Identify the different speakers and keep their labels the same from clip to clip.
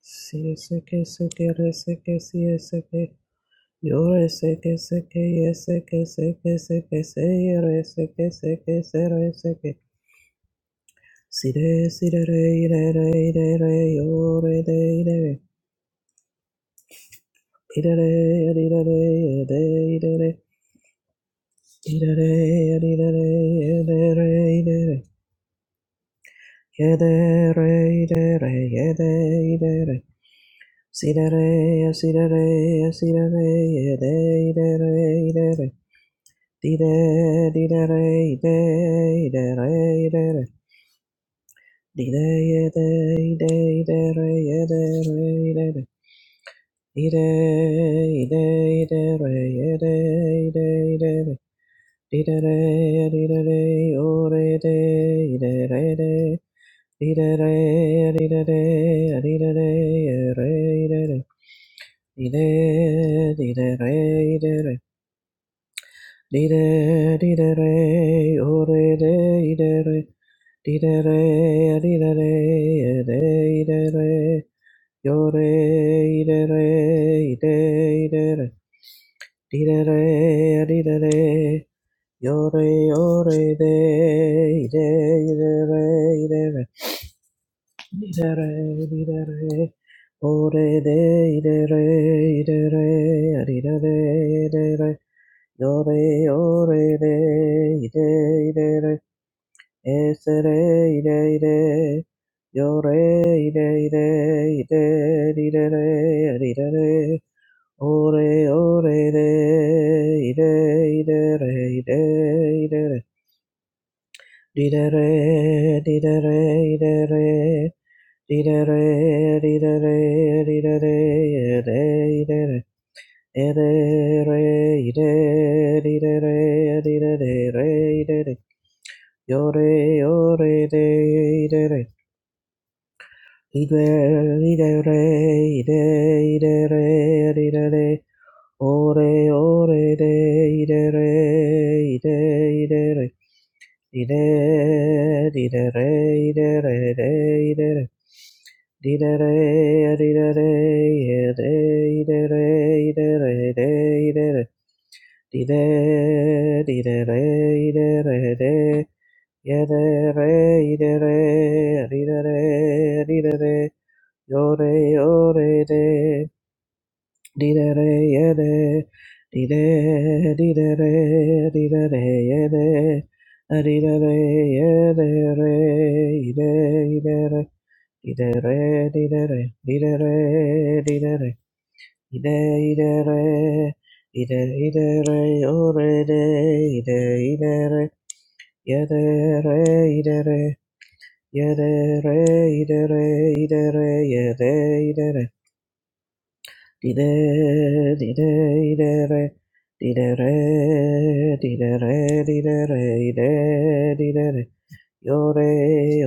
Speaker 1: Si seke seke re seke si seke yo re seke seke ye seke seke seke se que se ye re seke seke se que se re seke si re si re re i re re i re re yo re de i re re i re re i re re ye de i re re i re re i re re ye de re i re re ye de re i re re ye de i re re si re re si re re si re re ye de i re re i re re Dee-da-dee-da-dee, di dee dee dee-dee-dee, oh, dee-dee, re dee re dee dee re dee re dee dee-dee, yo, dee, dee-dee, re dee-dee, dee re dee re dee dee re dee, yo, dee, dee, dee, re dee dee-dee, dee re di dee re dee, dee, dee-dee, dee-dee, re de re re re re di dee re. Yore, yore, re, ire, ire, re, ese, re, ire, ire. Yore, ire, ire, ire, ire, re, ire, re. Ore, ore, re, ire, ire, re, ire, ire, re. Dire, re, dire, re, ire, re. Dire, re, dire, re, dire, re, ire, ire, re. Ere, re, ire, rire, re, rire, re, re, ire, re. Yore, yore, re, ire, re. Ide, ide, re, ide, ide, re, rire, re. Ore, ore, re, ide, re, ide, ide, re. Ide, ide, re, ide, re, re, ide, re. Ide, re, ide, re, ide, ide, re, ide, re, re, ide, re. Dee-dee, re dee dee re dee dee re dee dee re di dee-dee-dee, dee-dee-dee. Yo-dee, dee yo re dee dee re dee yeah re di dee dee-dee-dee, re dee dee yeah-dee. Ah, re dee dee re di dee dee-dee, re di dee Dee-dee-dee, dee-dee-dee, dee-dee-dee, dee-dee-dee. Ide ide re, ide ide re, ore de, ide ide re, yede re, ide re, yede re, ide re, ide re, yede ide re, dide dide ide re, dide re, dide re, dide re, ide dide re, yore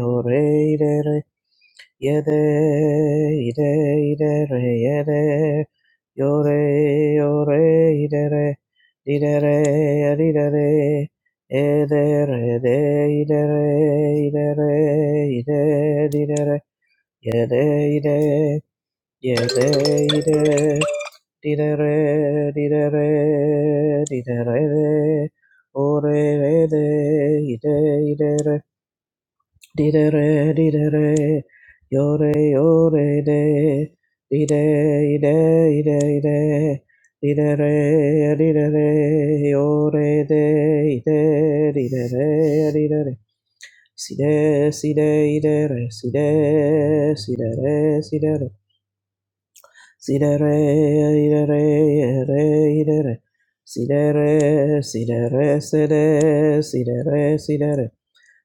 Speaker 1: yore ide re. Yede, ide, ide, re, yede, yore, yore, ide, re, ide, re, yede, ide, re, ede, re, de, ide, re, ide, re, ide, ide, re, yede, ide, yede, ide, ide, re, ide, re, ide, re, de, ore, re, de, ide, ide, re, Di de re, di de re, yo re yo re de, di de i de i de ide, de di de re, di de re, yo re de, i de di de re, di de re, si de, si de side, side, ide re, si de si de re, si de re, si de re, i de re, re, i de re, si de re, side re, se de, si de re, si de re,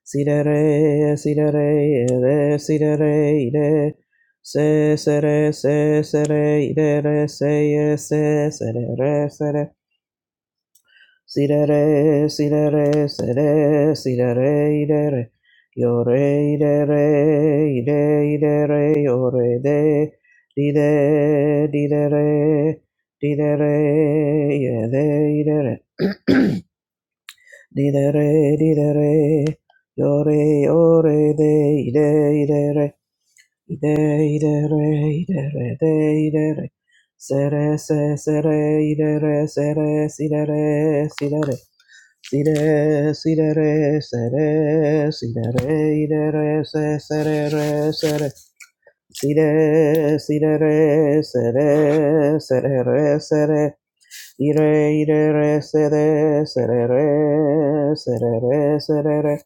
Speaker 1: Sidere, sidere, ere, sidere, ide. se, sere, se, sere, idere, se, se, serere, sere, sidere, sidere, sere, sidere, idere, iore, idere, ide, idere, iore, de, dide, didere, didere, iede, idere. Di de re, di de re, yo re, yo re, de, i de, i de re, i de, i de re, i de re, de, i de re, se re, se, se re, i de re, se re, si de re, si de re, si de, si de re, se re, si de re, i de re, se, se re, re, se re, si de, si de re, se re, se re, re, se re, Ire ire re se re se re re se re re se re re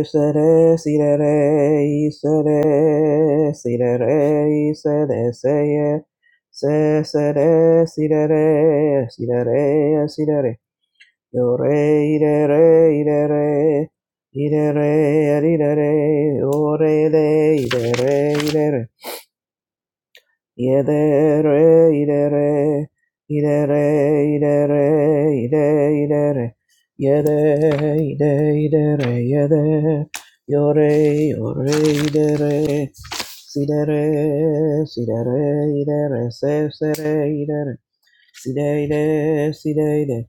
Speaker 1: re se re si re re i se re si re re i se re se ye se se re si re re si re re si re re yo re ire re ire re ire re ire re yo re re ire re ire re Yedere, idere, idere, idere, ide, idere, yede, ide, idere, yede, yore, yore, idere, sidere, sidere, idere, se, sere, idere, sideide, sideide,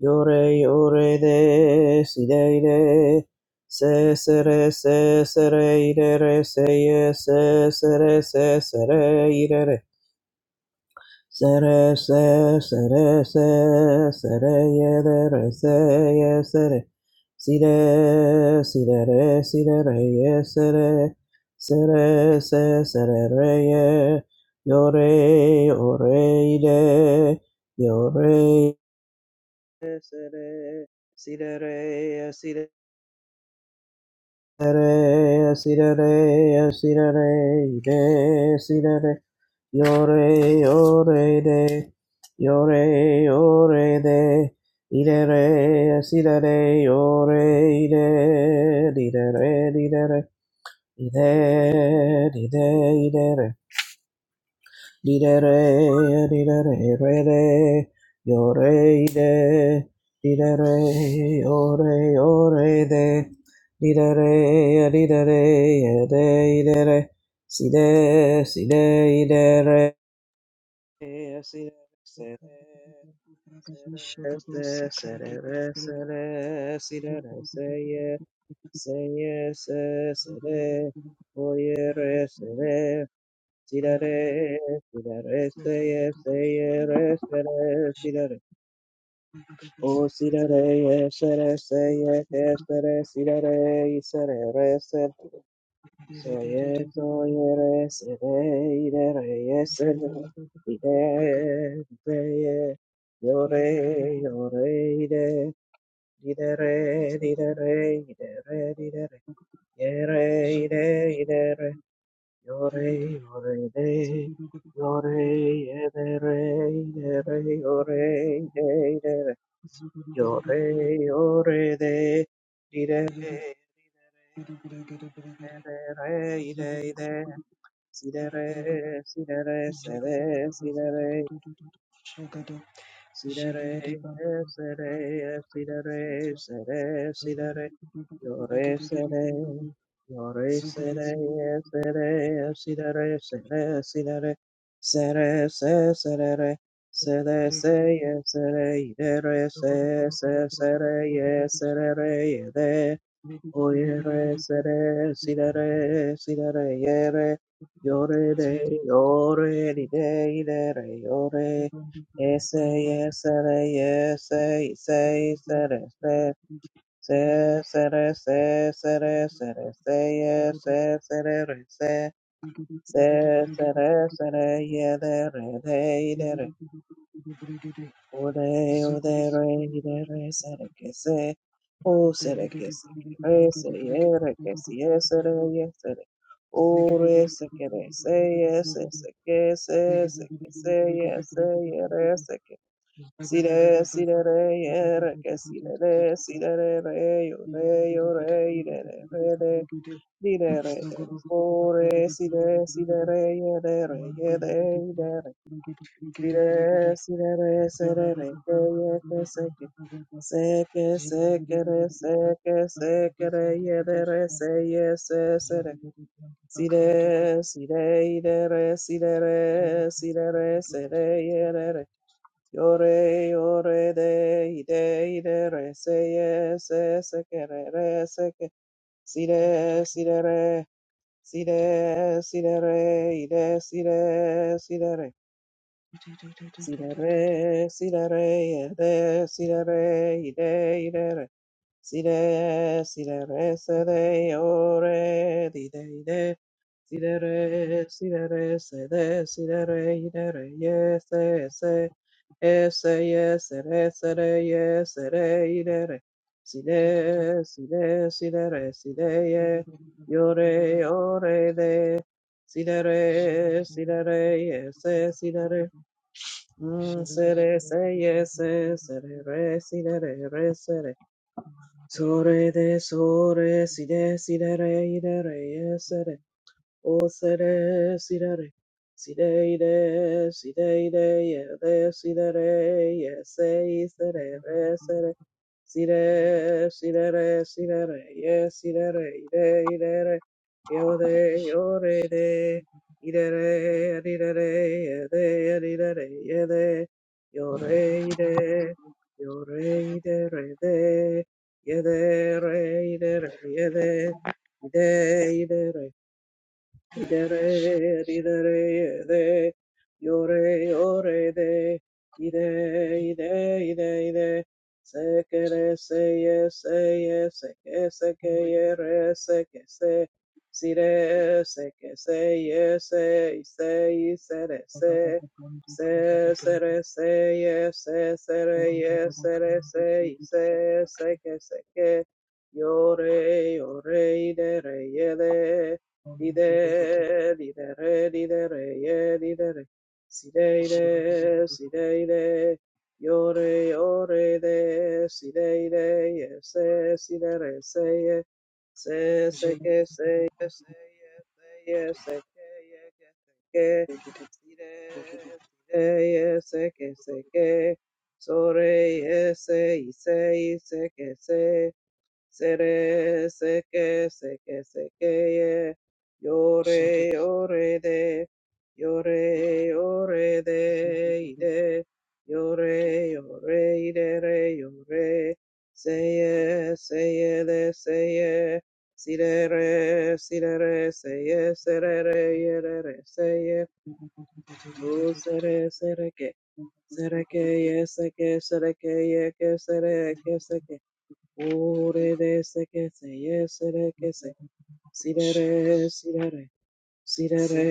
Speaker 1: yore, yore, de, sideide, se, sere, se, sere, idere, se, se, sere, se, sere, idere, Sere, se, sere, se, sere, yere, re, se, ye, sere. Sire, sire, re, sire, re, ye, sere. Sere, se, sere, re, ye. Yore, ore, ire. Yore, sere, sire, re, sire re sira re sira re de sira re yo re yo re de yo re yo re de ire re sira re yo re ire ire re ire re ire ire ire Li de re, li de re, re de, yo re i de, li de re, o re, o re de, li de re, li de re, e de i de re, si de, si de i de re, e si de, se
Speaker 2: Thank
Speaker 1: de, se de, se, se de re, se de, si de re, se ye, se ye, se, se de, o ye re, se de. Sirare, sirare, seye, seye, re, sere, sirare. O sirare, ye, sere, seye, ke, sere, sirare, isere, re, sere. Soye, soye, re, sere, ire, re, ye, sere. Ire, reye, yore, yore, ire. Ire, re, ire, re, ire, re, ire, re. Yore, yore, de, yore, ye, de, re, de, re, yore, de, de, re, yore, yore, de, di, de, re,
Speaker 2: you. Zugu
Speaker 1: di, de, re, ye, de, re, i, de, i, de, si, de, re, si, de, re, se, de, si, de, re, Sidere, eh, sere, eh, sidere, sere, sidere, yore, sere, yore, sere, eh, sere, eh, sidere, sere, sidere, sere, se, serere, sede, se, eh, sere, idere, se, se, sere, eh, serere, ede, Oyere yere sere sidere sidere yere yore de yore di de idere yore ese yesere yese
Speaker 2: Zagada
Speaker 1: ise
Speaker 2: gada
Speaker 1: sere se se sere se sere sere se yese sere re se se sere sere yedere Ore, ore, re, ire, re, sere, que se, o, sere, que se, que re, se, yere, que si, ye, sere, ye, sere, ore, se, que re, se, ye, se, se, que se, se, que se, ye, se, ye, re, se, que, si, re, si,
Speaker 2: baza,
Speaker 1: re, re,
Speaker 2: da da da
Speaker 1: ye,
Speaker 2: da
Speaker 1: re,
Speaker 2: da da
Speaker 1: que
Speaker 2: da
Speaker 1: si, re,
Speaker 2: da
Speaker 1: re,
Speaker 2: da da.
Speaker 1: si, re, re, re, yo,
Speaker 2: Zulu
Speaker 1: re, yo, re, ire, re, re, re, di, re, re, re, ore, si, re, si, re, re, ye, re, re, ye, re, ire, re, Sire, sire, re, sere, re, ke, ye, ke, se, que Se, que se, que re, se, que se, que re, ye, de, re, se, ye, se, se, re. Sire, sire, ire, re, sire, re, sire, re, se, re, ye, re, re. Yo, re, yo, re, de, ide, ide, re, se, ye, se, se, que re, re, se, ke. Sire, sire, re, sire, sire, re, ide, sire, sire, re. Si da re, si da re, de, si da re, ide, ide, re. Si de, si da re, se de, o re, di de, ide. Si da re, si da re, se de, si da re, ide, re, ye, se, se. E, se, ye, se, re, se, re, ye, se, re, ide, re. Si de, si de, si da re, si de, ye. Yo re, o re, de. Si da re, si da re, ye, se, si da re. Mm, sere, se, yes, se, sere, re, si, de, re, re, sere. Sore, de, sore, si, de, si, de, re, i, de, re, yes, sere. O sere sidere, sideide, sideide, yede sidere, yese isere, re sere, sire, sidere, sidere, ye sidere, ide, idere, yode, yore de, idere, adidere, yede, adidere, yede, yore, ide, yore, idere, de, yede, re, idere, yede, Idere, idere, ide, yore, yore, de, ide, ide, ide, ide, sekere, seye, seye, seke, seke, yere, seke, se, sire, seke, seye, se, ise, isere, se, se, sere, seye, se, sere, ye, sere, se, ise, seke, seke, yore, yore, idere, yede, Di de di de re, di de re, ye, di de re. Si, de, de, si, de, de. Yo, re, yo, re, de. Si, de, de, ye, se, si, de, re, se, ye. Se, se, que, se, ye, se, ye, se, ye, se, que, ye, que, se, que. Si, de, si, de, ye, se, que, se, que. So, re, ye, se, y, se, y, se, que, se. Sere seke seke seke ye.
Speaker 2: Thank
Speaker 1: Yore yore de. Yore yore de ide. Yore yore ide re yore. Seye seye de seye. Sidere sidere seye serere yere re seye. O sere sereke. Sereke ye seke sereke ye ke Ore de se que se, yese de que se, sirere sirere sidere,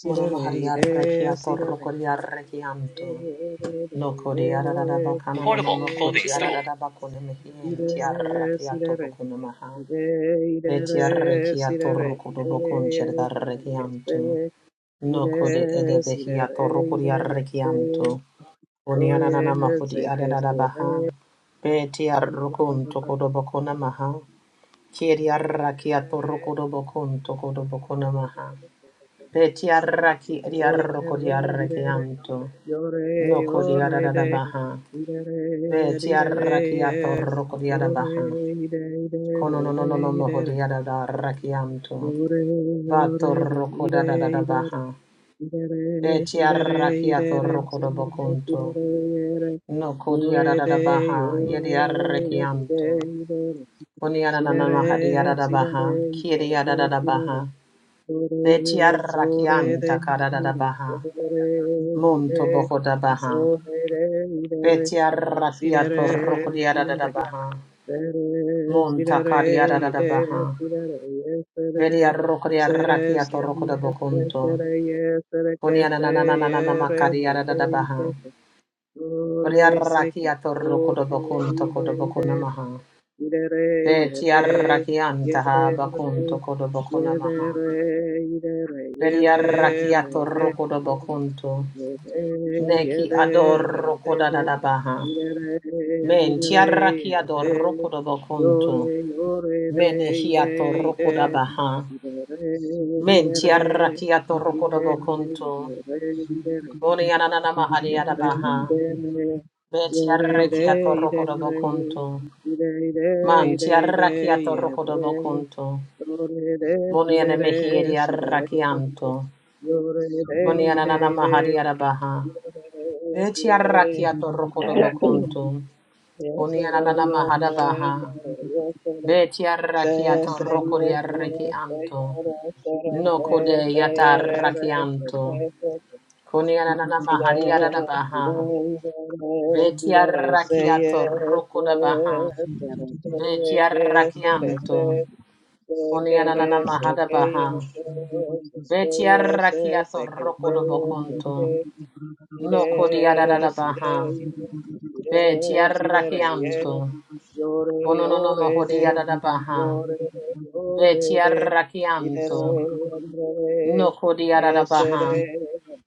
Speaker 1: sirere
Speaker 3: Monomahariarrekia
Speaker 1: ide, sirere
Speaker 3: korrokoriarrekianto.
Speaker 1: Ore
Speaker 3: No
Speaker 1: de ide,
Speaker 3: koriararabakana Portable
Speaker 1: sirere
Speaker 3: clothing store. mamonokotiararabakone
Speaker 1: ide,
Speaker 3: mehientiarrakiato
Speaker 1: sidere,
Speaker 3: bokonamaha.
Speaker 1: ide, idere,
Speaker 3: Betiarrekiato
Speaker 1: sidere, ide, se de que se,
Speaker 3: rokodobokonchirdarrekianto. No kode
Speaker 1: ide,
Speaker 3: edebehiato
Speaker 1: sidere, idere, se,
Speaker 3: rokoriarrekianto.
Speaker 1: oye,
Speaker 3: Oniananamahudi
Speaker 1: se que se,
Speaker 3: ararabaha. Betiarrokonto
Speaker 1: ide,
Speaker 3: kodobokonamaha. Kiriarrakiato
Speaker 1: sidere,
Speaker 3: rokodobokonto kodobokonamaha. Betiaraki
Speaker 1: Oye,
Speaker 3: ediaroko diaraki
Speaker 1: irere,
Speaker 3: anto.
Speaker 1: yore,
Speaker 3: Noko
Speaker 1: yore,
Speaker 3: diarada
Speaker 1: de,
Speaker 3: baha.
Speaker 1: irere,
Speaker 3: beti Betiaraki
Speaker 1: irere,
Speaker 3: atoroko diarada
Speaker 1: ore,
Speaker 3: baha.
Speaker 1: ire,
Speaker 3: Kono
Speaker 1: irere,
Speaker 3: no no
Speaker 1: de,
Speaker 3: no no no moho
Speaker 1: irere,
Speaker 3: diarada raki anto.
Speaker 1: dore, yore, de,
Speaker 3: Batoroko da
Speaker 1: ire,
Speaker 3: da da
Speaker 1: irere,
Speaker 3: baha. beti
Speaker 1: irere, irere,
Speaker 3: Betiaraki
Speaker 1: irere,
Speaker 3: atoroko da
Speaker 1: sire,
Speaker 3: bokunto.
Speaker 1: sire, ire,
Speaker 3: Noko
Speaker 1: yore, de,
Speaker 3: diarada baha.
Speaker 1: yore,
Speaker 3: Yediaraki
Speaker 1: de,
Speaker 3: anto.
Speaker 1: irere,
Speaker 3: Koniarana maha
Speaker 1: sire,
Speaker 3: diarada
Speaker 1: sire,
Speaker 3: baha. Kiriada
Speaker 1: irere,
Speaker 3: da
Speaker 1: sire,
Speaker 3: baha.
Speaker 1: Sore,
Speaker 3: beti
Speaker 1: de
Speaker 3: Betiaraki
Speaker 1: sore
Speaker 3: anta
Speaker 1: de
Speaker 3: karada baha. Monto boho da baha.
Speaker 1: sore de
Speaker 3: Betia
Speaker 1: si de re
Speaker 3: rakiato rokodia
Speaker 1: si
Speaker 3: da
Speaker 1: de
Speaker 3: da da
Speaker 1: re re
Speaker 3: baha.
Speaker 1: si
Speaker 3: Monta
Speaker 1: de
Speaker 3: kadia da da
Speaker 1: re
Speaker 3: da
Speaker 1: de
Speaker 3: baha.
Speaker 1: si
Speaker 3: Bedia
Speaker 1: de re yes re
Speaker 3: rokodia
Speaker 1: se re se
Speaker 3: rakiato rokoda
Speaker 1: yes re se
Speaker 3: bokunto.
Speaker 1: re yes re que
Speaker 3: Kunia na na
Speaker 1: se
Speaker 3: na na na na na
Speaker 1: ye re se
Speaker 3: makadia da da
Speaker 1: que
Speaker 3: da
Speaker 1: y
Speaker 3: baha.
Speaker 1: que se
Speaker 3: Bedia
Speaker 1: sore se que
Speaker 3: rakiato rokoda
Speaker 1: sore
Speaker 3: bokunto koda bokuna maha.
Speaker 1: Idere,
Speaker 3: Betia
Speaker 1: yede,
Speaker 3: rakianta ha
Speaker 1: yedere,
Speaker 3: bakunto koda bokuna maha.
Speaker 1: yedere, idere,
Speaker 3: Bedia
Speaker 1: yedere,
Speaker 3: rakiato
Speaker 1: de,
Speaker 3: rokoda bokunto.
Speaker 1: yede,
Speaker 3: Neki ador
Speaker 1: yedere, de,
Speaker 3: rokoda da da baha.
Speaker 1: idere,
Speaker 3: Men
Speaker 1: idere,
Speaker 3: tiarrakia do
Speaker 1: yede,
Speaker 3: rokoda bokunto.
Speaker 1: yore, yore, de,
Speaker 3: Mene
Speaker 1: ide,
Speaker 3: hiato
Speaker 1: ide,
Speaker 3: rokoda baha.
Speaker 1: idere,
Speaker 3: Men tiara kiato rokoda
Speaker 1: idere, ide,
Speaker 3: bokonto.
Speaker 1: idere,
Speaker 3: Oni ananana mahariada
Speaker 1: Yore
Speaker 3: baha.
Speaker 1: ide,
Speaker 3: Be
Speaker 1: yore
Speaker 3: tiara
Speaker 1: ide,
Speaker 3: kiato
Speaker 1: ide
Speaker 3: rokoda
Speaker 1: re,
Speaker 3: bokonto.
Speaker 1: ide ide,
Speaker 3: Man
Speaker 1: ide
Speaker 3: tiara
Speaker 1: ide,
Speaker 3: kiato rokoda
Speaker 1: yere,
Speaker 3: bokonto.
Speaker 1: yore ide,
Speaker 3: Moni
Speaker 1: side
Speaker 3: aneme
Speaker 1: re, side
Speaker 3: hiariara
Speaker 1: re,
Speaker 3: kianto.
Speaker 1: yore
Speaker 2: Zugu
Speaker 1: ide,
Speaker 3: Oni
Speaker 1: ide
Speaker 3: ananana
Speaker 1: ide,
Speaker 3: mahariada baha.
Speaker 1: ide re,
Speaker 3: Be
Speaker 1: side
Speaker 3: tiara
Speaker 1: re,
Speaker 3: kiato rokoda bokonto.
Speaker 1: yes
Speaker 3: Oni
Speaker 1: re,
Speaker 3: ananana
Speaker 1: yes
Speaker 3: mahada
Speaker 1: re,
Speaker 3: baha.
Speaker 1: yore, yes re,
Speaker 3: Be tiara
Speaker 1: se
Speaker 3: kiato
Speaker 1: se
Speaker 3: rokoda
Speaker 1: yes se
Speaker 3: yarra
Speaker 1: se
Speaker 3: kianto.
Speaker 1: yore, se
Speaker 3: No
Speaker 1: se
Speaker 3: kode
Speaker 1: se
Speaker 3: yata
Speaker 1: se
Speaker 3: rakianto.
Speaker 1: se se
Speaker 3: Kunianana
Speaker 1: Sire,
Speaker 3: mahariara da baha.
Speaker 1: sire, sire, re, se, ye,
Speaker 3: Betiarrakiato
Speaker 1: se,
Speaker 3: roko da baha.
Speaker 1: se, re, se, ye, ke, se, re, se,
Speaker 3: Betiarrakianto.
Speaker 1: se, ke,
Speaker 3: Kunianana
Speaker 1: re, se,
Speaker 3: mahada
Speaker 1: ke, ye,
Speaker 3: baha.
Speaker 1: ke, se, se, ye, se,
Speaker 3: Betiarrakiato
Speaker 1: se, ke, se,
Speaker 3: roko da
Speaker 1: ye, se,
Speaker 3: bokonto.
Speaker 1: ke, sire,
Speaker 3: No kodiara da
Speaker 1: sire,
Speaker 3: baha.
Speaker 1: ire, sire, sire, re,
Speaker 3: Betiarrakianto.
Speaker 1: ye, Yore
Speaker 3: Ononono
Speaker 1: yore
Speaker 3: mohodiara
Speaker 1: de,
Speaker 3: da baha.
Speaker 1: yore yore de,
Speaker 3: Betiarrakianto.
Speaker 1: idere idere,
Speaker 3: No kodiara da
Speaker 1: esere
Speaker 3: baha.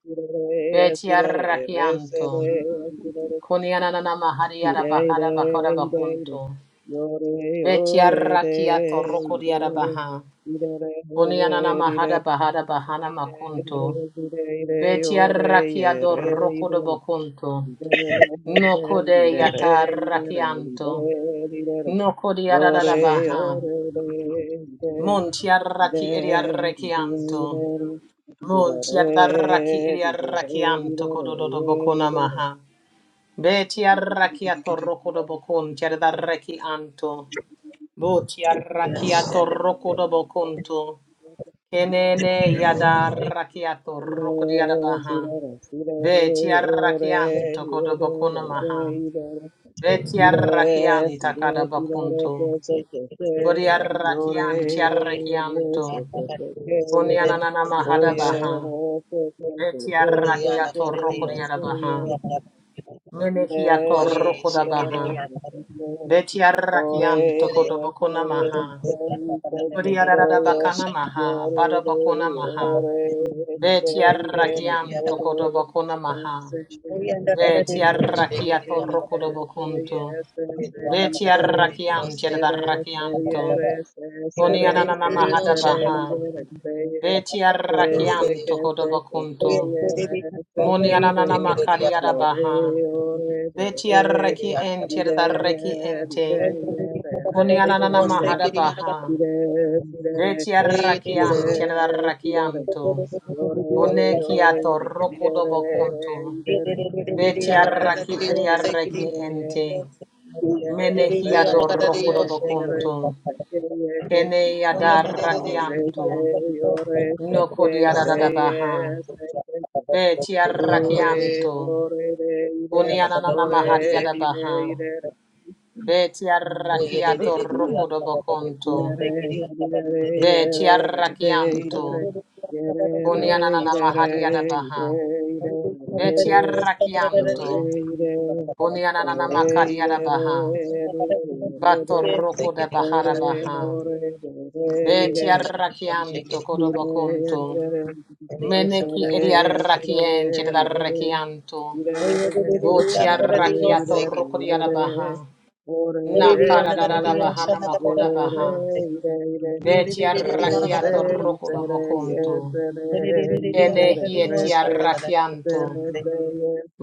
Speaker 1: idere esire
Speaker 3: Betiarrakianto.
Speaker 1: resere esire,
Speaker 3: Kunianana mahariara
Speaker 1: ide ide
Speaker 3: bakara bakara
Speaker 1: ide ide,
Speaker 3: bakunto.
Speaker 1: yore yore de,
Speaker 3: Betiarrakia toroko
Speaker 1: ide
Speaker 3: diarabaha.
Speaker 1: idere
Speaker 3: Kunianana
Speaker 1: idere,
Speaker 3: mahada bahada
Speaker 1: ide
Speaker 3: bahana
Speaker 1: ide
Speaker 3: makunto.
Speaker 1: ide ide yore
Speaker 3: Betiarrakia
Speaker 1: yere
Speaker 3: doroko do
Speaker 1: idere,
Speaker 3: bokunto.
Speaker 1: idere
Speaker 3: Noko de
Speaker 1: idere idere
Speaker 3: yatarrakianto.
Speaker 1: idere idere.
Speaker 3: Noko
Speaker 1: Do re
Speaker 3: diarabaha.
Speaker 1: o re de de
Speaker 3: Montiarraki
Speaker 1: de
Speaker 3: eriarrakianto.
Speaker 1: de de
Speaker 3: Montiarraki
Speaker 1: re di do re di
Speaker 3: eriarrakianto
Speaker 1: do re
Speaker 3: kododo do
Speaker 1: ye di
Speaker 3: bokuna
Speaker 1: do re
Speaker 3: maha. Betiarrakia toroko do bokun tiarrakianto. Botiarrakia toroko do bokunto. Kenene yada rakiato
Speaker 1: Si
Speaker 3: rokodiada
Speaker 1: re si
Speaker 3: baha.
Speaker 1: re si re
Speaker 3: Betia
Speaker 1: o re
Speaker 3: rakianto
Speaker 1: de, de,
Speaker 3: kodobokuna maha.
Speaker 1: re de
Speaker 3: Betia
Speaker 1: Ire,
Speaker 4: Ocean,
Speaker 3: rakianta
Speaker 1: ire,
Speaker 3: kada
Speaker 1: ire, que,
Speaker 3: bakunto.
Speaker 1: que, que, que.
Speaker 3: Bodia rakian
Speaker 1: Yore,
Speaker 3: tia
Speaker 1: yore, ire, se,
Speaker 3: rakianto.
Speaker 1: que, que, que, ye.
Speaker 3: Kunianana mahada
Speaker 1: Oye,
Speaker 2: Zulu
Speaker 3: baha.
Speaker 1: re, se, que, que,
Speaker 3: Betia
Speaker 1: que, se, que,
Speaker 3: rakiato
Speaker 1: ye,
Speaker 3: rokodiada
Speaker 1: se,
Speaker 3: baha.
Speaker 1: ye.
Speaker 3: Menehiato
Speaker 1: Ire,
Speaker 3: rokoda
Speaker 1: sidere,
Speaker 3: baha.
Speaker 1: pekeke,
Speaker 3: Betia rakianto
Speaker 1: dore, yeke,
Speaker 3: kodobokuna maha.
Speaker 1: ike, ike,
Speaker 3: Bodia rada
Speaker 1: pekeye,
Speaker 3: bakana maha.
Speaker 1: yore,
Speaker 3: Bada
Speaker 1: de,
Speaker 3: bakuna maha.
Speaker 1: yore, ide,
Speaker 3: Beti
Speaker 1: idere,
Speaker 3: arrakianto
Speaker 1: yore,
Speaker 3: kodobokona maha.
Speaker 1: ese, ide,
Speaker 3: Beti
Speaker 1: sere, seke,
Speaker 3: arrakiato
Speaker 1: yese,
Speaker 3: rokodobokonto.
Speaker 1: yese, se,
Speaker 3: Beti
Speaker 1: isere,
Speaker 3: arrakianti
Speaker 4: Thank
Speaker 1: sere,
Speaker 3: adarrakianto.
Speaker 1: seyere, se, sere,
Speaker 3: Konianana
Speaker 1: se,
Speaker 3: mahada
Speaker 1: sere,
Speaker 3: baha.
Speaker 1: idere, seye,
Speaker 3: Beti
Speaker 1: Yore,
Speaker 3: arrakianto kodobokonto. Monianana makariada baha. Beti arraki enti adarraki ente. Konianana mahada baha. Beti arrakianti adarrakianto. Onekiato rokodobokonto. Beti arraki eri arraki ente.
Speaker 1: Ore, ore,
Speaker 3: Menehi
Speaker 1: re,
Speaker 3: adorro kurobokuntu.
Speaker 4: you.
Speaker 3: Kene
Speaker 4: Thank
Speaker 3: adarrakiantu. No kodi adadabaha. Beti
Speaker 2: Jabra
Speaker 3: arrakiantu.
Speaker 1: ire,
Speaker 3: Kunianana
Speaker 1: ore,
Speaker 3: mahari
Speaker 1: ire,
Speaker 3: adabaha.
Speaker 1: ire,
Speaker 3: Beti arrakiato rokurobokuntu. Beti arrakiantu. Kunianana mahari adabaha. Beti arrakiantu.
Speaker 1: re. re
Speaker 3: Kunianana makari
Speaker 1: re re
Speaker 3: adabaha.
Speaker 1: re re
Speaker 3: Bato
Speaker 1: re
Speaker 3: roko de
Speaker 1: o
Speaker 3: bahara
Speaker 1: re
Speaker 3: baha.
Speaker 1: o re re
Speaker 3: Beti
Speaker 1: re re
Speaker 3: arrachianto,
Speaker 1: di
Speaker 3: codobo
Speaker 1: re
Speaker 3: conto.
Speaker 1: di re Yes,
Speaker 3: Meneki edi
Speaker 1: re si re re
Speaker 3: arrachienti ed
Speaker 4: you.
Speaker 1: re
Speaker 3: arrachianto.
Speaker 1: si re re
Speaker 4: Oye,
Speaker 3: Voti
Speaker 1: si re re
Speaker 3: arrachiato
Speaker 1: re
Speaker 3: rocco di
Speaker 1: re
Speaker 3: arabaha.
Speaker 1: re o re re
Speaker 3: Nakada da da
Speaker 1: re
Speaker 3: da
Speaker 1: re
Speaker 3: bahana
Speaker 1: ye
Speaker 3: makoda
Speaker 1: re re
Speaker 3: baha.
Speaker 1: re re
Speaker 3: Beti
Speaker 1: ye re se
Speaker 3: arrachiato rocco
Speaker 1: se
Speaker 3: dobo
Speaker 1: re
Speaker 3: conto.
Speaker 1: yes re
Speaker 3: Enehi eti
Speaker 1: yes it is.
Speaker 3: arrachianto.
Speaker 1: Cerece,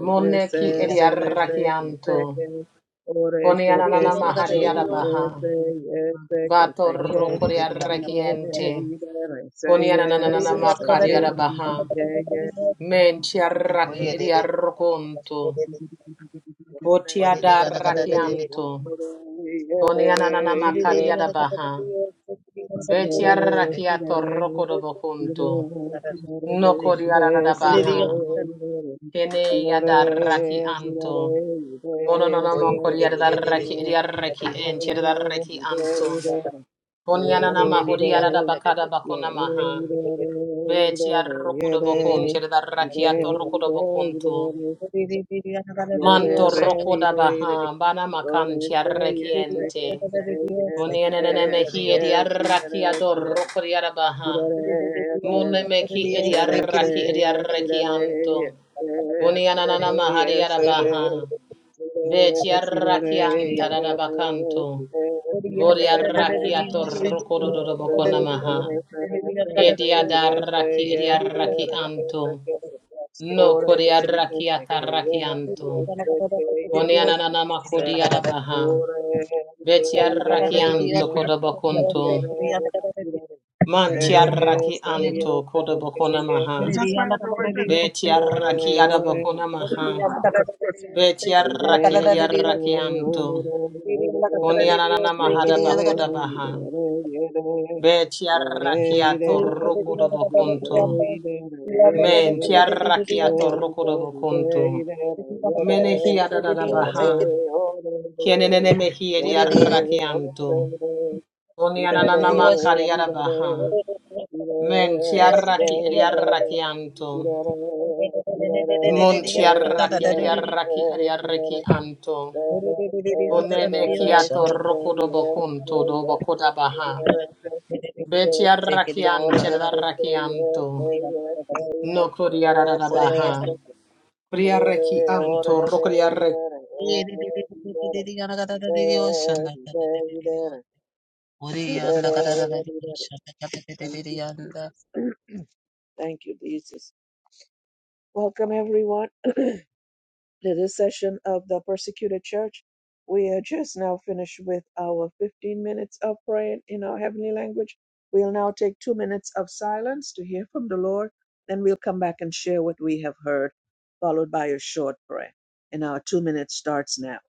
Speaker 3: Moneki edi
Speaker 1: cerece, que
Speaker 3: arrachianto.
Speaker 1: Se que, orece, que
Speaker 3: Ponianana
Speaker 1: se que,
Speaker 3: mahadi arabaha.
Speaker 1: yese, yese, que
Speaker 3: Vato
Speaker 1: se que,
Speaker 3: rocco di
Speaker 1: ire,
Speaker 3: arrachienti.
Speaker 1: ire, rece,
Speaker 3: Ponianana
Speaker 1: yese, se
Speaker 3: makari
Speaker 1: que,
Speaker 3: arabaha.
Speaker 1: ye, ye,
Speaker 3: Menti arraki edi
Speaker 1: re
Speaker 3: arrokonto.
Speaker 1: yo,
Speaker 3: Voti
Speaker 1: re re re re
Speaker 3: adarrakianto.
Speaker 1: yo,
Speaker 3: Koni
Speaker 1: re
Speaker 3: ananana
Speaker 1: ye,
Speaker 3: makari
Speaker 1: re ire,
Speaker 3: adabaha.
Speaker 1: si, re
Speaker 3: Beti
Speaker 1: re
Speaker 3: arraki
Speaker 1: si, re
Speaker 3: atorroko
Speaker 1: re
Speaker 4: Dios,
Speaker 1: si,
Speaker 3: dobokunto.
Speaker 1: re re ye ye ye
Speaker 3: Noko di
Speaker 1: que que que que
Speaker 2: Zebra
Speaker 1: que que
Speaker 3: adadabaha.
Speaker 1: que Yes,
Speaker 3: Kene yadarraki
Speaker 1: Sirare, sirare,
Speaker 3: anto. Ono no
Speaker 1: ide,
Speaker 3: no
Speaker 1: sirare,
Speaker 3: mokori
Speaker 1: ide,
Speaker 3: adarraki edi arraki
Speaker 1: ide,
Speaker 3: enti adarraki
Speaker 1: ide,
Speaker 3: anto.
Speaker 1: ide,
Speaker 3: Koni anana
Speaker 1: lere, ide,
Speaker 3: mahori adabakada bakona
Speaker 1: lere,
Speaker 3: maha. Beti
Speaker 1: ide, re,
Speaker 3: arroko
Speaker 1: ide, re,
Speaker 3: dobokunto.
Speaker 1: ide, ide,
Speaker 3: Adarraki atorroko
Speaker 1: ide, ide,
Speaker 3: dobokunto.
Speaker 1: re, yere,
Speaker 3: Manto
Speaker 1: re,
Speaker 3: roko da
Speaker 1: ide, ide,
Speaker 3: baha, bana makan
Speaker 1: lore, se, yes, se, ke,
Speaker 3: tiarrekiente.
Speaker 1: se,
Speaker 3: Unienene
Speaker 1: yes,
Speaker 3: mehi
Speaker 1: yes, yes,
Speaker 3: ediarraki
Speaker 1: sirare,
Speaker 3: ador
Speaker 1: sirare,
Speaker 3: roko diarabaha.
Speaker 4: Everything
Speaker 1: sirare,
Speaker 3: Mune
Speaker 1: sirare,
Speaker 3: meki
Speaker 1: sere, se,
Speaker 3: ediarraki
Speaker 1: sirare,
Speaker 3: ediarrekianto.
Speaker 1: yes, se,
Speaker 3: Unianana
Speaker 1: sirare, yes, sere,
Speaker 3: mahariarabaha. Be tiarrakianta da da bakanto. Boriarraki ator rokodo do do do bokona maha. Ediadarraki ediarraki anto. No kodiarraki atarrakianto. Unianana makodiarabaha. Betiaraki anto kodobokunto.
Speaker 4: going well.
Speaker 3: Mantiaraki anto kodobokona maha.
Speaker 4: right,
Speaker 3: Betiaraki
Speaker 1: Ore, ore,
Speaker 4: Mm.
Speaker 3: adabokona maha.
Speaker 4: Kata de Dios, te quería la
Speaker 3: Betiaraki
Speaker 1: Yore,
Speaker 4: cara de Dios,
Speaker 3: ediaraki anto.
Speaker 4: quería la cara de Dios,
Speaker 3: Kunianana
Speaker 4: te
Speaker 3: mahada
Speaker 4: quería la cara de
Speaker 3: bakoda
Speaker 4: Dios.
Speaker 3: baha. Betiaraki ato
Speaker 4: Hoy te quería la cara de Dios,
Speaker 3: rokodobokunto.
Speaker 4: quería la cara de
Speaker 3: Mentiaraki
Speaker 4: Dios, no
Speaker 3: ato
Speaker 4: por Dios,
Speaker 3: rokodobokunto.
Speaker 4: quería la cara
Speaker 3: Menehi
Speaker 4: de
Speaker 3: adadada
Speaker 4: Dios,
Speaker 3: baha.
Speaker 4: te quería
Speaker 3: Kienene mehi
Speaker 4: por Dios,
Speaker 3: ediaraki anto.
Speaker 4: la cara de
Speaker 3: Kunianana
Speaker 4: Dios.
Speaker 3: makariada baha. Menti
Speaker 4: Dios te
Speaker 3: arraki eri
Speaker 4: quería la cara de
Speaker 3: arraki
Speaker 4: Dios,
Speaker 3: anto.
Speaker 4: la cara de Dios. Dios, la cara de
Speaker 3: Monti arraki eri arraki eri arraki anto.
Speaker 1: Thank
Speaker 3: Onene kiato roko dobo konto dobo koda baha. Beti arraki
Speaker 4: Dios, la
Speaker 3: anti
Speaker 4: cara
Speaker 3: eri
Speaker 4: de Dios.
Speaker 3: arraki anto. No kori arara
Speaker 4: Ore
Speaker 3: baha.
Speaker 4: yanda
Speaker 3: Kori arraki anto roko
Speaker 4: kadada dedi
Speaker 1: you,
Speaker 4: yanda
Speaker 1: Jesus. Thank you, Jesus. Welcome, everyone. to this session of the persecuted church. We are just now finished with our 15 minutes of praying in our heavenly language. We'll now take two minutes of silence to hear from the Lord, then we'll come back and share what we have heard, followed by a short prayer. And our two minutes starts now.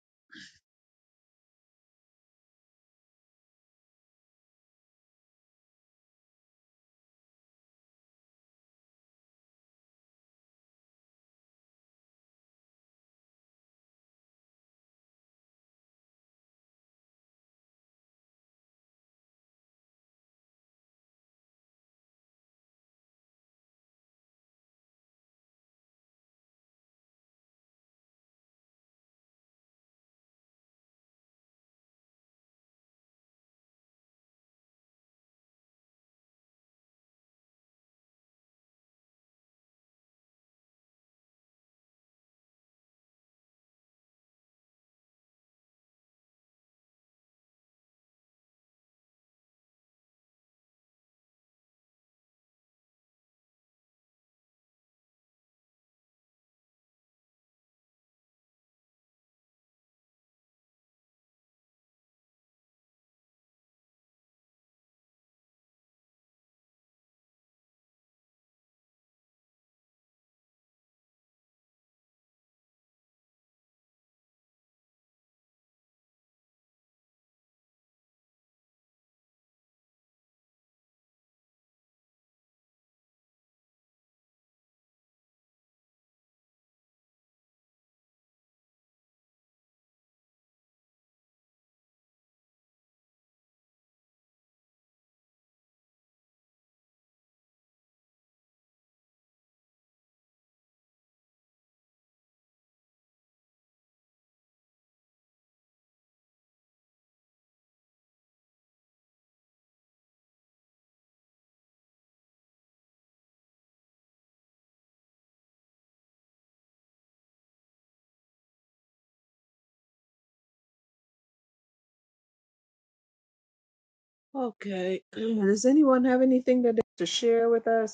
Speaker 1: Okay. Does anyone have anything that they- to share with us?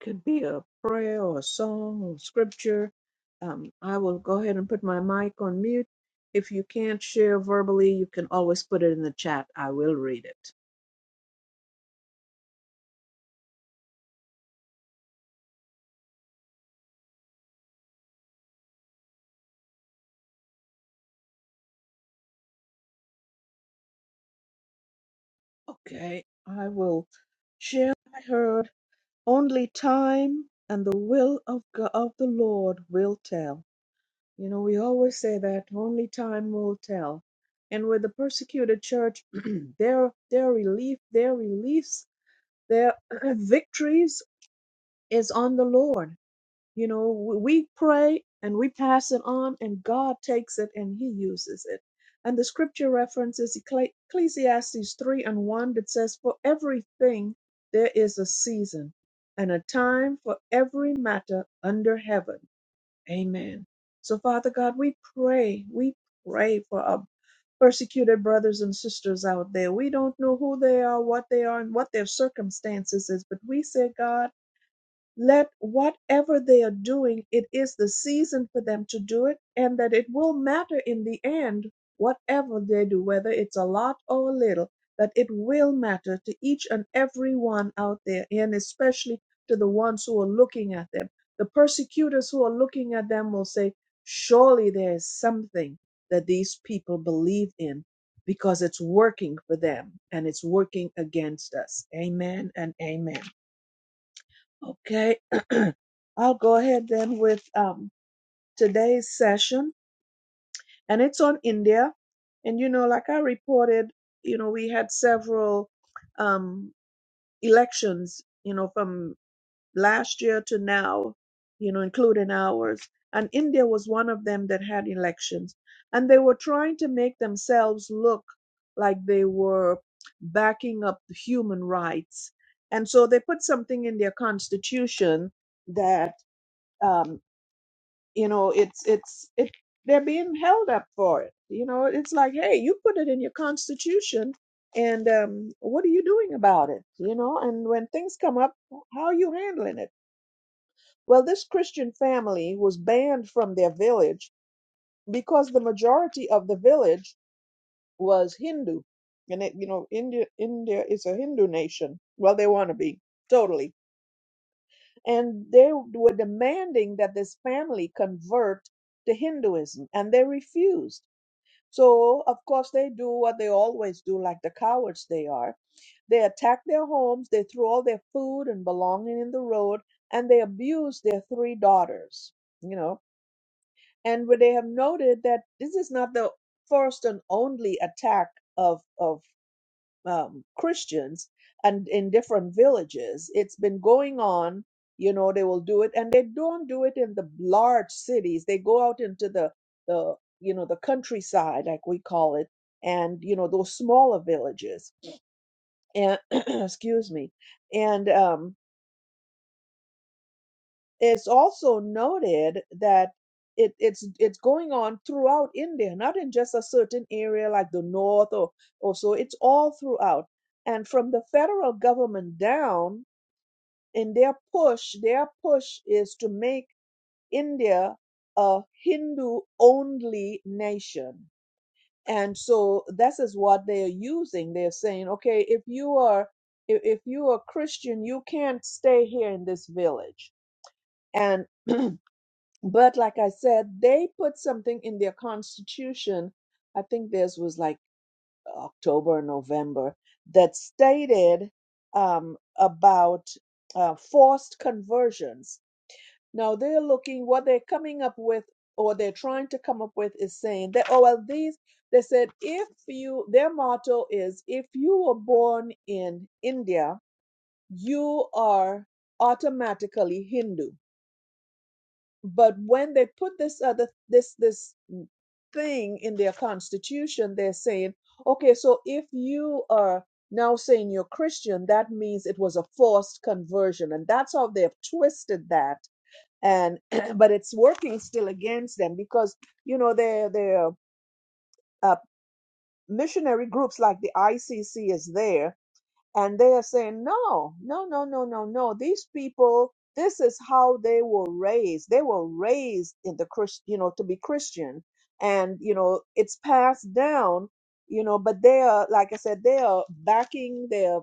Speaker 1: could be a prayer or a song or scripture. Um, I will go ahead and put my mic on mute. If you can't share verbally, you can always put it in the chat. I will read it. Okay, I will share. I heard only time and the will of God, of the Lord will tell. You know, we always say that only time will tell. And with the persecuted church, their their relief, their release, their victories is on the Lord You know, we we pray and we pass it on, and God takes it and He uses it. And the scripture references Ecclesi- Ecclesiastes 3 and 1 that says, For everything there is a season and a time for every matter under heaven. Amen. So, Father God, we pray, we pray for our persecuted brothers and sisters out there. We don't know who they are, what they are, and what their circumstances is, but we say, God, let whatever they are doing, it is the season for them to do it, and that it will matter in the end, whatever they do, whether it's a lot or a little, that it will matter to each and every one out there, and especially to the ones who are looking at them. The persecutors who are looking at them will say, Surely there is something that these people believe in because it's working for them and it's working against us. Amen and amen. Okay, I'll go ahead then with um, today's session, and it's on India. And you know, like I reported, you know, we had several um, elections, you know, from last year to now, you know, including ours. And India was one of them that had elections. And they were trying to make themselves look like they were backing up human rights. And so they put something in their constitution that um, you know, it's it's it they're being held up for it. You know, it's like, hey, you put it in your constitution, and um, what are you doing about it? You know, and when things come up, how are you handling it? Well, this Christian family was banned from their village because the majority of the village was Hindu, and it, you know, India India is a Hindu nation. Well, they want to be totally and they were demanding that this family convert to Hinduism, and they refused. So, of course, they do what they always do, like the cowards they are. They attack their homes, they throw all their food and belonging in the road, and they abuse their three daughters, you know. And where they have noted that this is not the first and only attack of, of um, Christians and in different villages. It's been going on. You know, they will do it, and they don't do it in the large cities. They go out into the the you know the countryside, like we call it, and you know those smaller villages. And excuse me, and um, It's also noted that it, it's it's going on throughout India, not in just a certain area like the north or, or so. It's all throughout. And from the federal government down, in their push, their push is to make India a Hindu only nation. And so this is what they are using. They're saying, okay, if you are if, if you are Christian, you can't stay here in this village. And But like I said, they put something in their constitution. I think theirs was like October or November that stated um, about uh, forced conversions. Now they're looking what they're coming up with, or they're trying to come up with, is saying that oh well these they said if you their motto is if you were born in India you are automatically Hindu but when they put this other this this thing in their constitution, they're saying, okay, so if you are now saying you're Christian, that means it was a forced conversion. And that's how they've twisted that. And but it's working still against them because you know their their uh, missionary groups like the ICC is there and they are saying, no, no, no, no, no, no. These people, this is how they were raised. They were raised in the Christ, you know, to be Christian. And, you know, it's passed down, you know, but they are, like I said, they are backing their,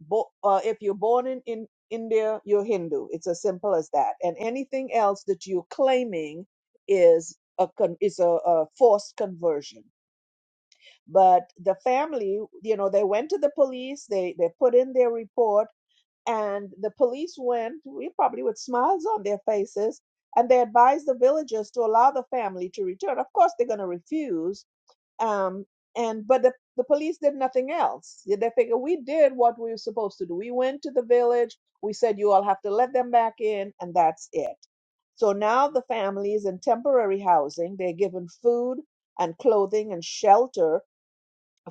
Speaker 1: bo- uh, if you're born in, in India, you're Hindu. It's as simple as that. And anything else that you're claiming is a, con- is a, a forced conversion but the family you know they went to the police they they put in their report and the police went we probably with smiles on their faces and they advised the villagers to allow the family to return of course they're going to refuse um and but the, the police did nothing else they they figure we did what we were supposed to do we went to the village we said you all have to let them back in and that's it so now the family is in temporary housing they're given food and clothing and shelter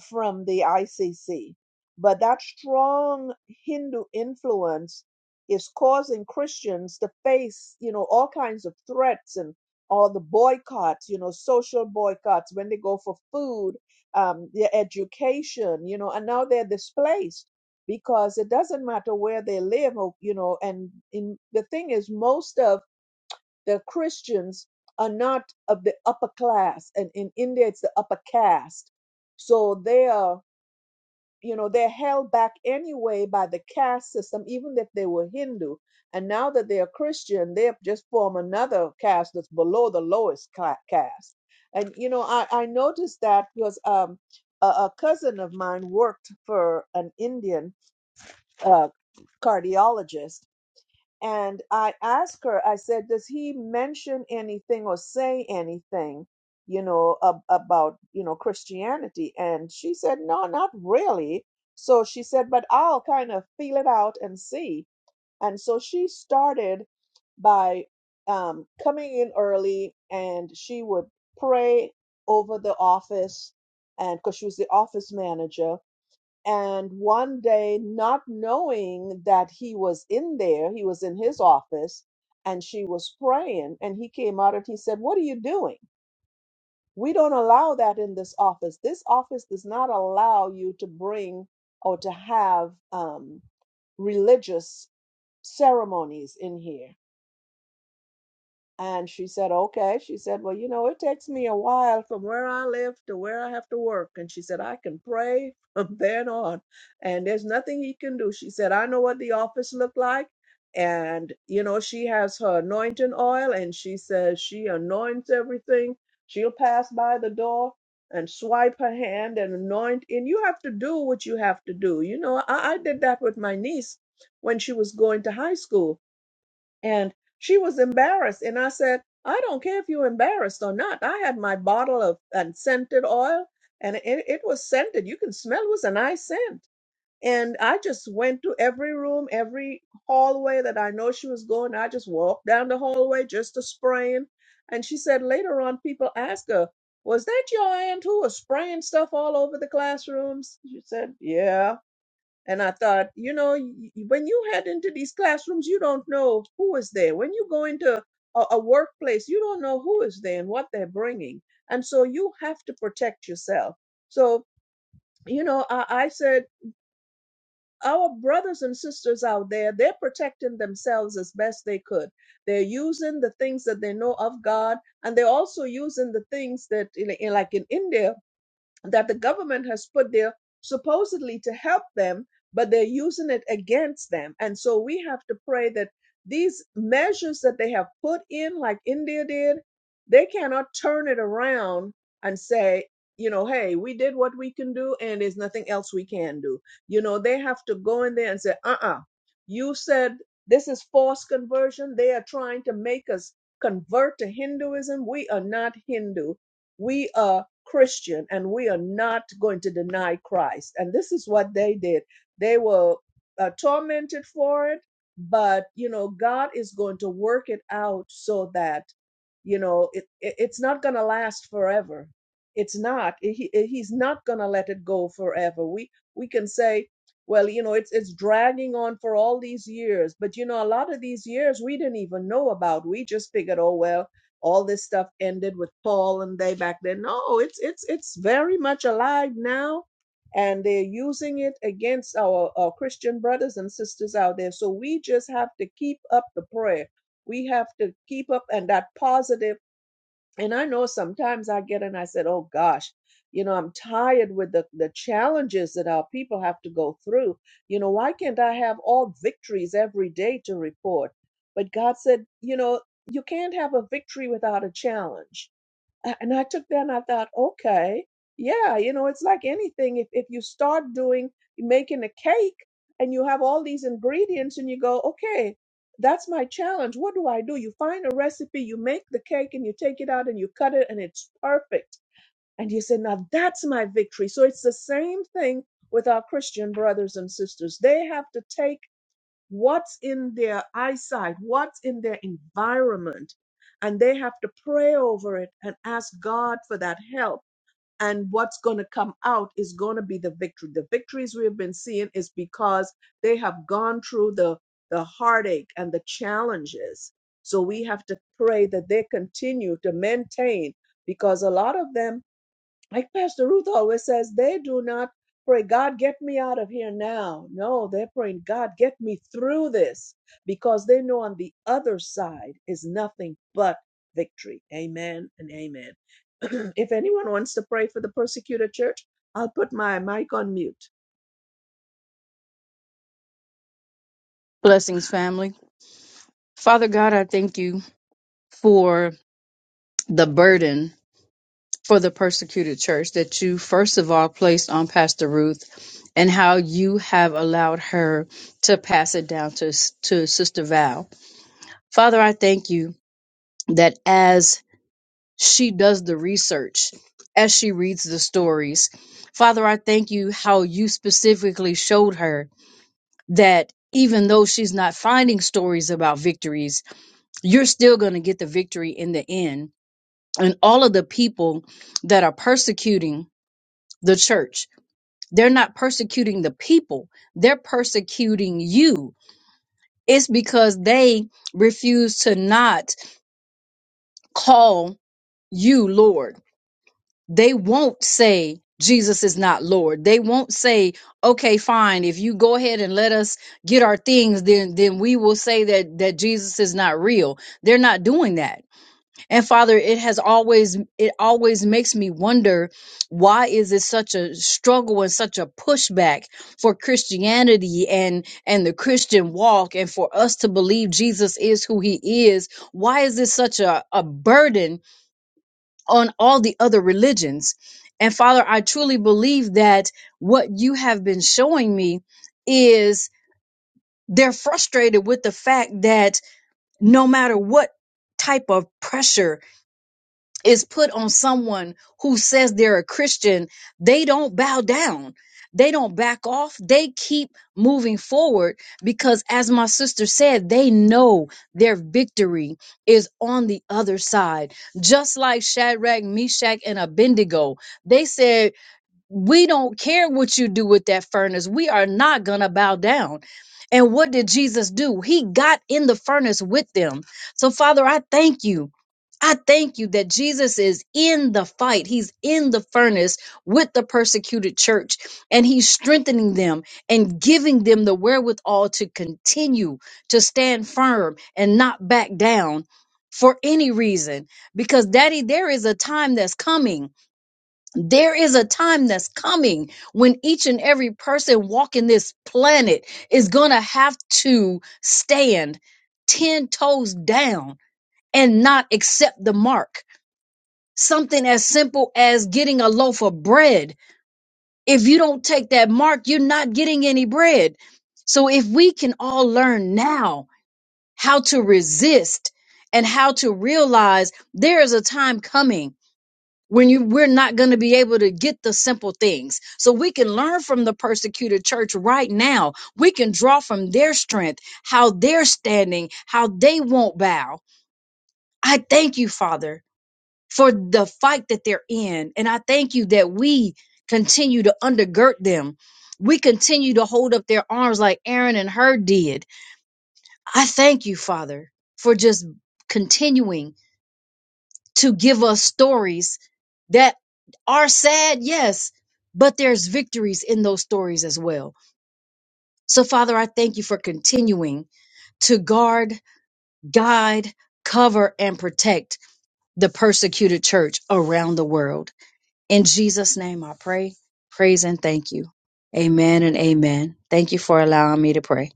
Speaker 1: from the ICC. But that strong Hindu influence is causing Christians to face, you know, all kinds of threats and all the boycotts, you know, social boycotts when they go for food, um, their education, you know, and now they're displaced because it doesn't matter where they live, or, you know, and in, the thing is, most of the Christians are not of the upper class, and in India, it's the upper caste. So they are you know they're held back anyway by the caste system even if they were hindu and now that they're christian they just form another caste that's below the lowest cla- caste and you know i, I noticed that because um, a, a cousin of mine worked for an indian uh, cardiologist and I asked her, I said, does he mention anything or say anything, you know, ab- about, you know, Christianity? And she said, no, not really. So she said, but I'll kind of feel it out and see. And so she started by um, coming in early and she would pray over the office. And because she was the office manager, and one day, not knowing that he was in there, he was in his office and she was praying. And he came out and he said, What are you doing? We don't allow that in this office. This office does not allow you to bring or to have um, religious ceremonies in here and she said, okay. She said, well, you know, it takes me a while from where I live to where I have to work. And she said, I can pray from then on. And there's nothing he can do. She said, I know what the office looked like. And, you know, she has her anointing oil and she says she anoints everything. She'll pass by the door and swipe her hand and anoint. And you have to do what you have to do. You know, I, I did that with my niece when she was going to high school and she was embarrassed. And I said, I don't care if you're embarrassed or not. I had my bottle of unscented oil, and it, it was scented. You can smell it was a nice scent. And I just went to every room, every hallway that I know she was going. I just walked down the hallway just to spraying. And she said later on, people asked her, Was that your aunt who was spraying stuff all over the classrooms? She said, Yeah. And I thought, you know, y- y- when you head into these classrooms, you don't know who is there. When you go into a, a workplace, you don't know who is there and what they're bringing. And so you have to protect yourself. So, you know, I, I said, our brothers and sisters out there, they're protecting themselves as best they could. They're using the things that they know of God, and they're also using the things that, you know, like in India, that the government has put there supposedly to help them, but they're using it against them. And so we have to pray that these measures that they have put in, like India did, they cannot turn it around and say, you know, hey, we did what we can do and there's nothing else we can do. You know, they have to go in there and say, uh uh you said this is forced conversion. They are trying to make us convert to Hinduism. We are not Hindu. We are Christian and we are not going to deny Christ. And this is what they did. They were uh, tormented for it, but you know, God is going to work it out so that you know it, it- it's not going to last forever. It's not. He, he- he's not going to let it go forever. We we can say, well, you know, it's it's dragging on for all these years, but you know, a lot of these years we didn't even know about. We just figured, oh well all this stuff ended with Paul and they back then. No, it's it's it's very much alive now, and they're using it against our, our Christian brothers and sisters out there. So we just have to keep up the prayer. We have to keep up and that positive. And I know sometimes I get and I said, "Oh gosh, you know, I'm tired with the the challenges that our people have to go through. You know, why can't I have all victories every day to report?" But God said, "You know, you can't have a victory without a challenge." A- And I took that and I thought, okay, yeah, you know, it's like anything. If if you start doing making a cake and you have all these ingredients and you go, okay, that's my challenge. What do I do? You find a recipe, you make the cake and you take it out and you cut it and it's perfect. And you say, now that's my victory. So it's the same thing with our Christian brothers and sisters. They have to take what's in their eyesight, what's in their environment. And they have to pray over it and ask God for that help. And what's going to come out is going to be the victory. The victories we have been seeing is because they have gone through the, the heartache and the challenges. So we have to pray that they continue to maintain because a lot of them like Pastor Ruth always says, they do not pray, God, get me out of here now. No, they're praying, God, get me through this because they know on the other side is nothing but victory. Amen and amen. if anyone wants to pray for the persecuted church, I'll put my mic on mute.
Speaker 5: Blessings, family. Father God, I thank you for the burden for the persecuted church that you, first of all, placed on Pastor Ruth and how you have allowed her to pass it down to, to Sister Val. Father, I thank you that as she does the research, as she reads the stories, Father, I thank you how you specifically showed her that even though she's not finding stories about victories, you're still going to get the victory in the end. And all of the people that are persecuting the church, they're not persecuting the people, they're persecuting you. It's because they refuse to not call you Lord. They won't say, Jesus is not Lord. They won't say, okay, fine, if you go ahead and let us get our things, then then we will say that that Jesus is not real. They're not doing that And Father, it has always it always makes me wonder why is it such a struggle and such a pushback for Christianity and and the Christian walk and for us to believe Jesus is who he is? Why is this such a, a burden on all the other religions? And Father, I truly believe that what you have been showing me is they're frustrated with the fact that no matter what type of pressure is put on someone who says they're a Christian, they don't bow down. They don't back off. They keep moving forward because, as my sister said, they know their victory is on the other side. Just like Shadrach, Meshach, and Abednego, they said, we don't care what you do with that furnace. We are not going to bow down. And what did Jesus do? He got in the furnace with them. So, Father, I thank you. I thank you that Jesus is in the fight. He's in the furnace with the persecuted church and he's strengthening them and giving them the wherewithal to continue to stand firm and not back down for any reason. Because, Daddy, there is a time that's coming there is a time that's coming when each and every person walking this planet is going to have to stand 10 toes down and not accept the mark. Something as simple as getting a loaf of bread. If you don't take that mark, you're not getting any bread. So if we can all learn now how to resist and how to realize there is a time coming when you we're not going to be able to get the simple things so we can learn from the persecuted church right now we can draw from their strength how they're standing how they won't bow i thank you father for the fight that they're in and i thank you that we continue to undergird them we continue to hold up their arms like aaron and her did i thank you father for just continuing to give us stories that are sad, yes, but there's victories in those stories as well. So, Father, I thank you for continuing to guard, guide, cover, and protect the persecuted church around the world. In Jesus' name, I pray, praise, and thank you. Amen and amen. Thank you for allowing me to pray.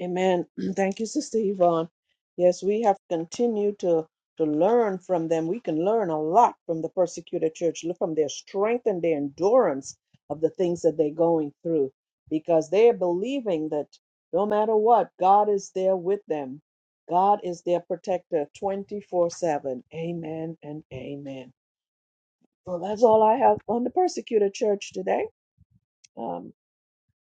Speaker 1: Amen. Thank you, Sister Yvonne. Yes, we have continued to to learn from them. We can learn a lot from the persecuted church, look from their strength and their endurance of the things that they're going through, because they are believing that no matter what, God is there with them. God is their protector 24 7. Amen and amen. Well, that's all I have on the persecuted church today. Um,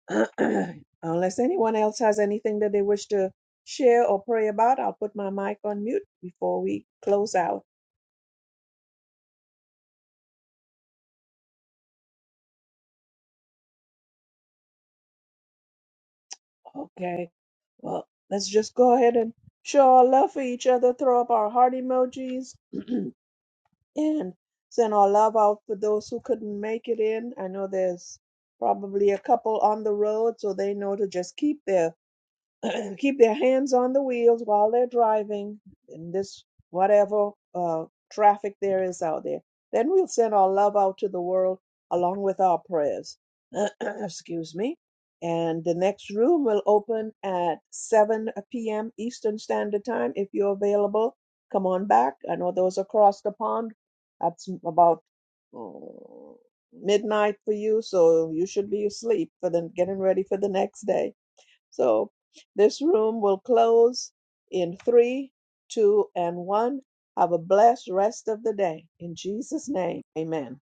Speaker 1: Unless anyone else has anything that they wish to share or pray about, I'll put my mic on mute before we close out. Okay. Well, let's just go ahead and show our love for each other, throw up our heart emojis, and send our love out for those who couldn't make it in. I know there's probably a couple on the road, so they know to just keep their keep their hands on the wheels while they're driving in this whatever uh, traffic there is out there. Then we'll send our love out to the world along with our prayers. Excuse me. And the next room will open at 7 p.m. Eastern Standard Time. If you're available, come on back. I know those across the pond, that's about mm, midnight for you, so you should be asleep for the getting ready for the next day. So this room will close in three, two, and one. Have a blessed rest of the day. In Jesus' name, amen.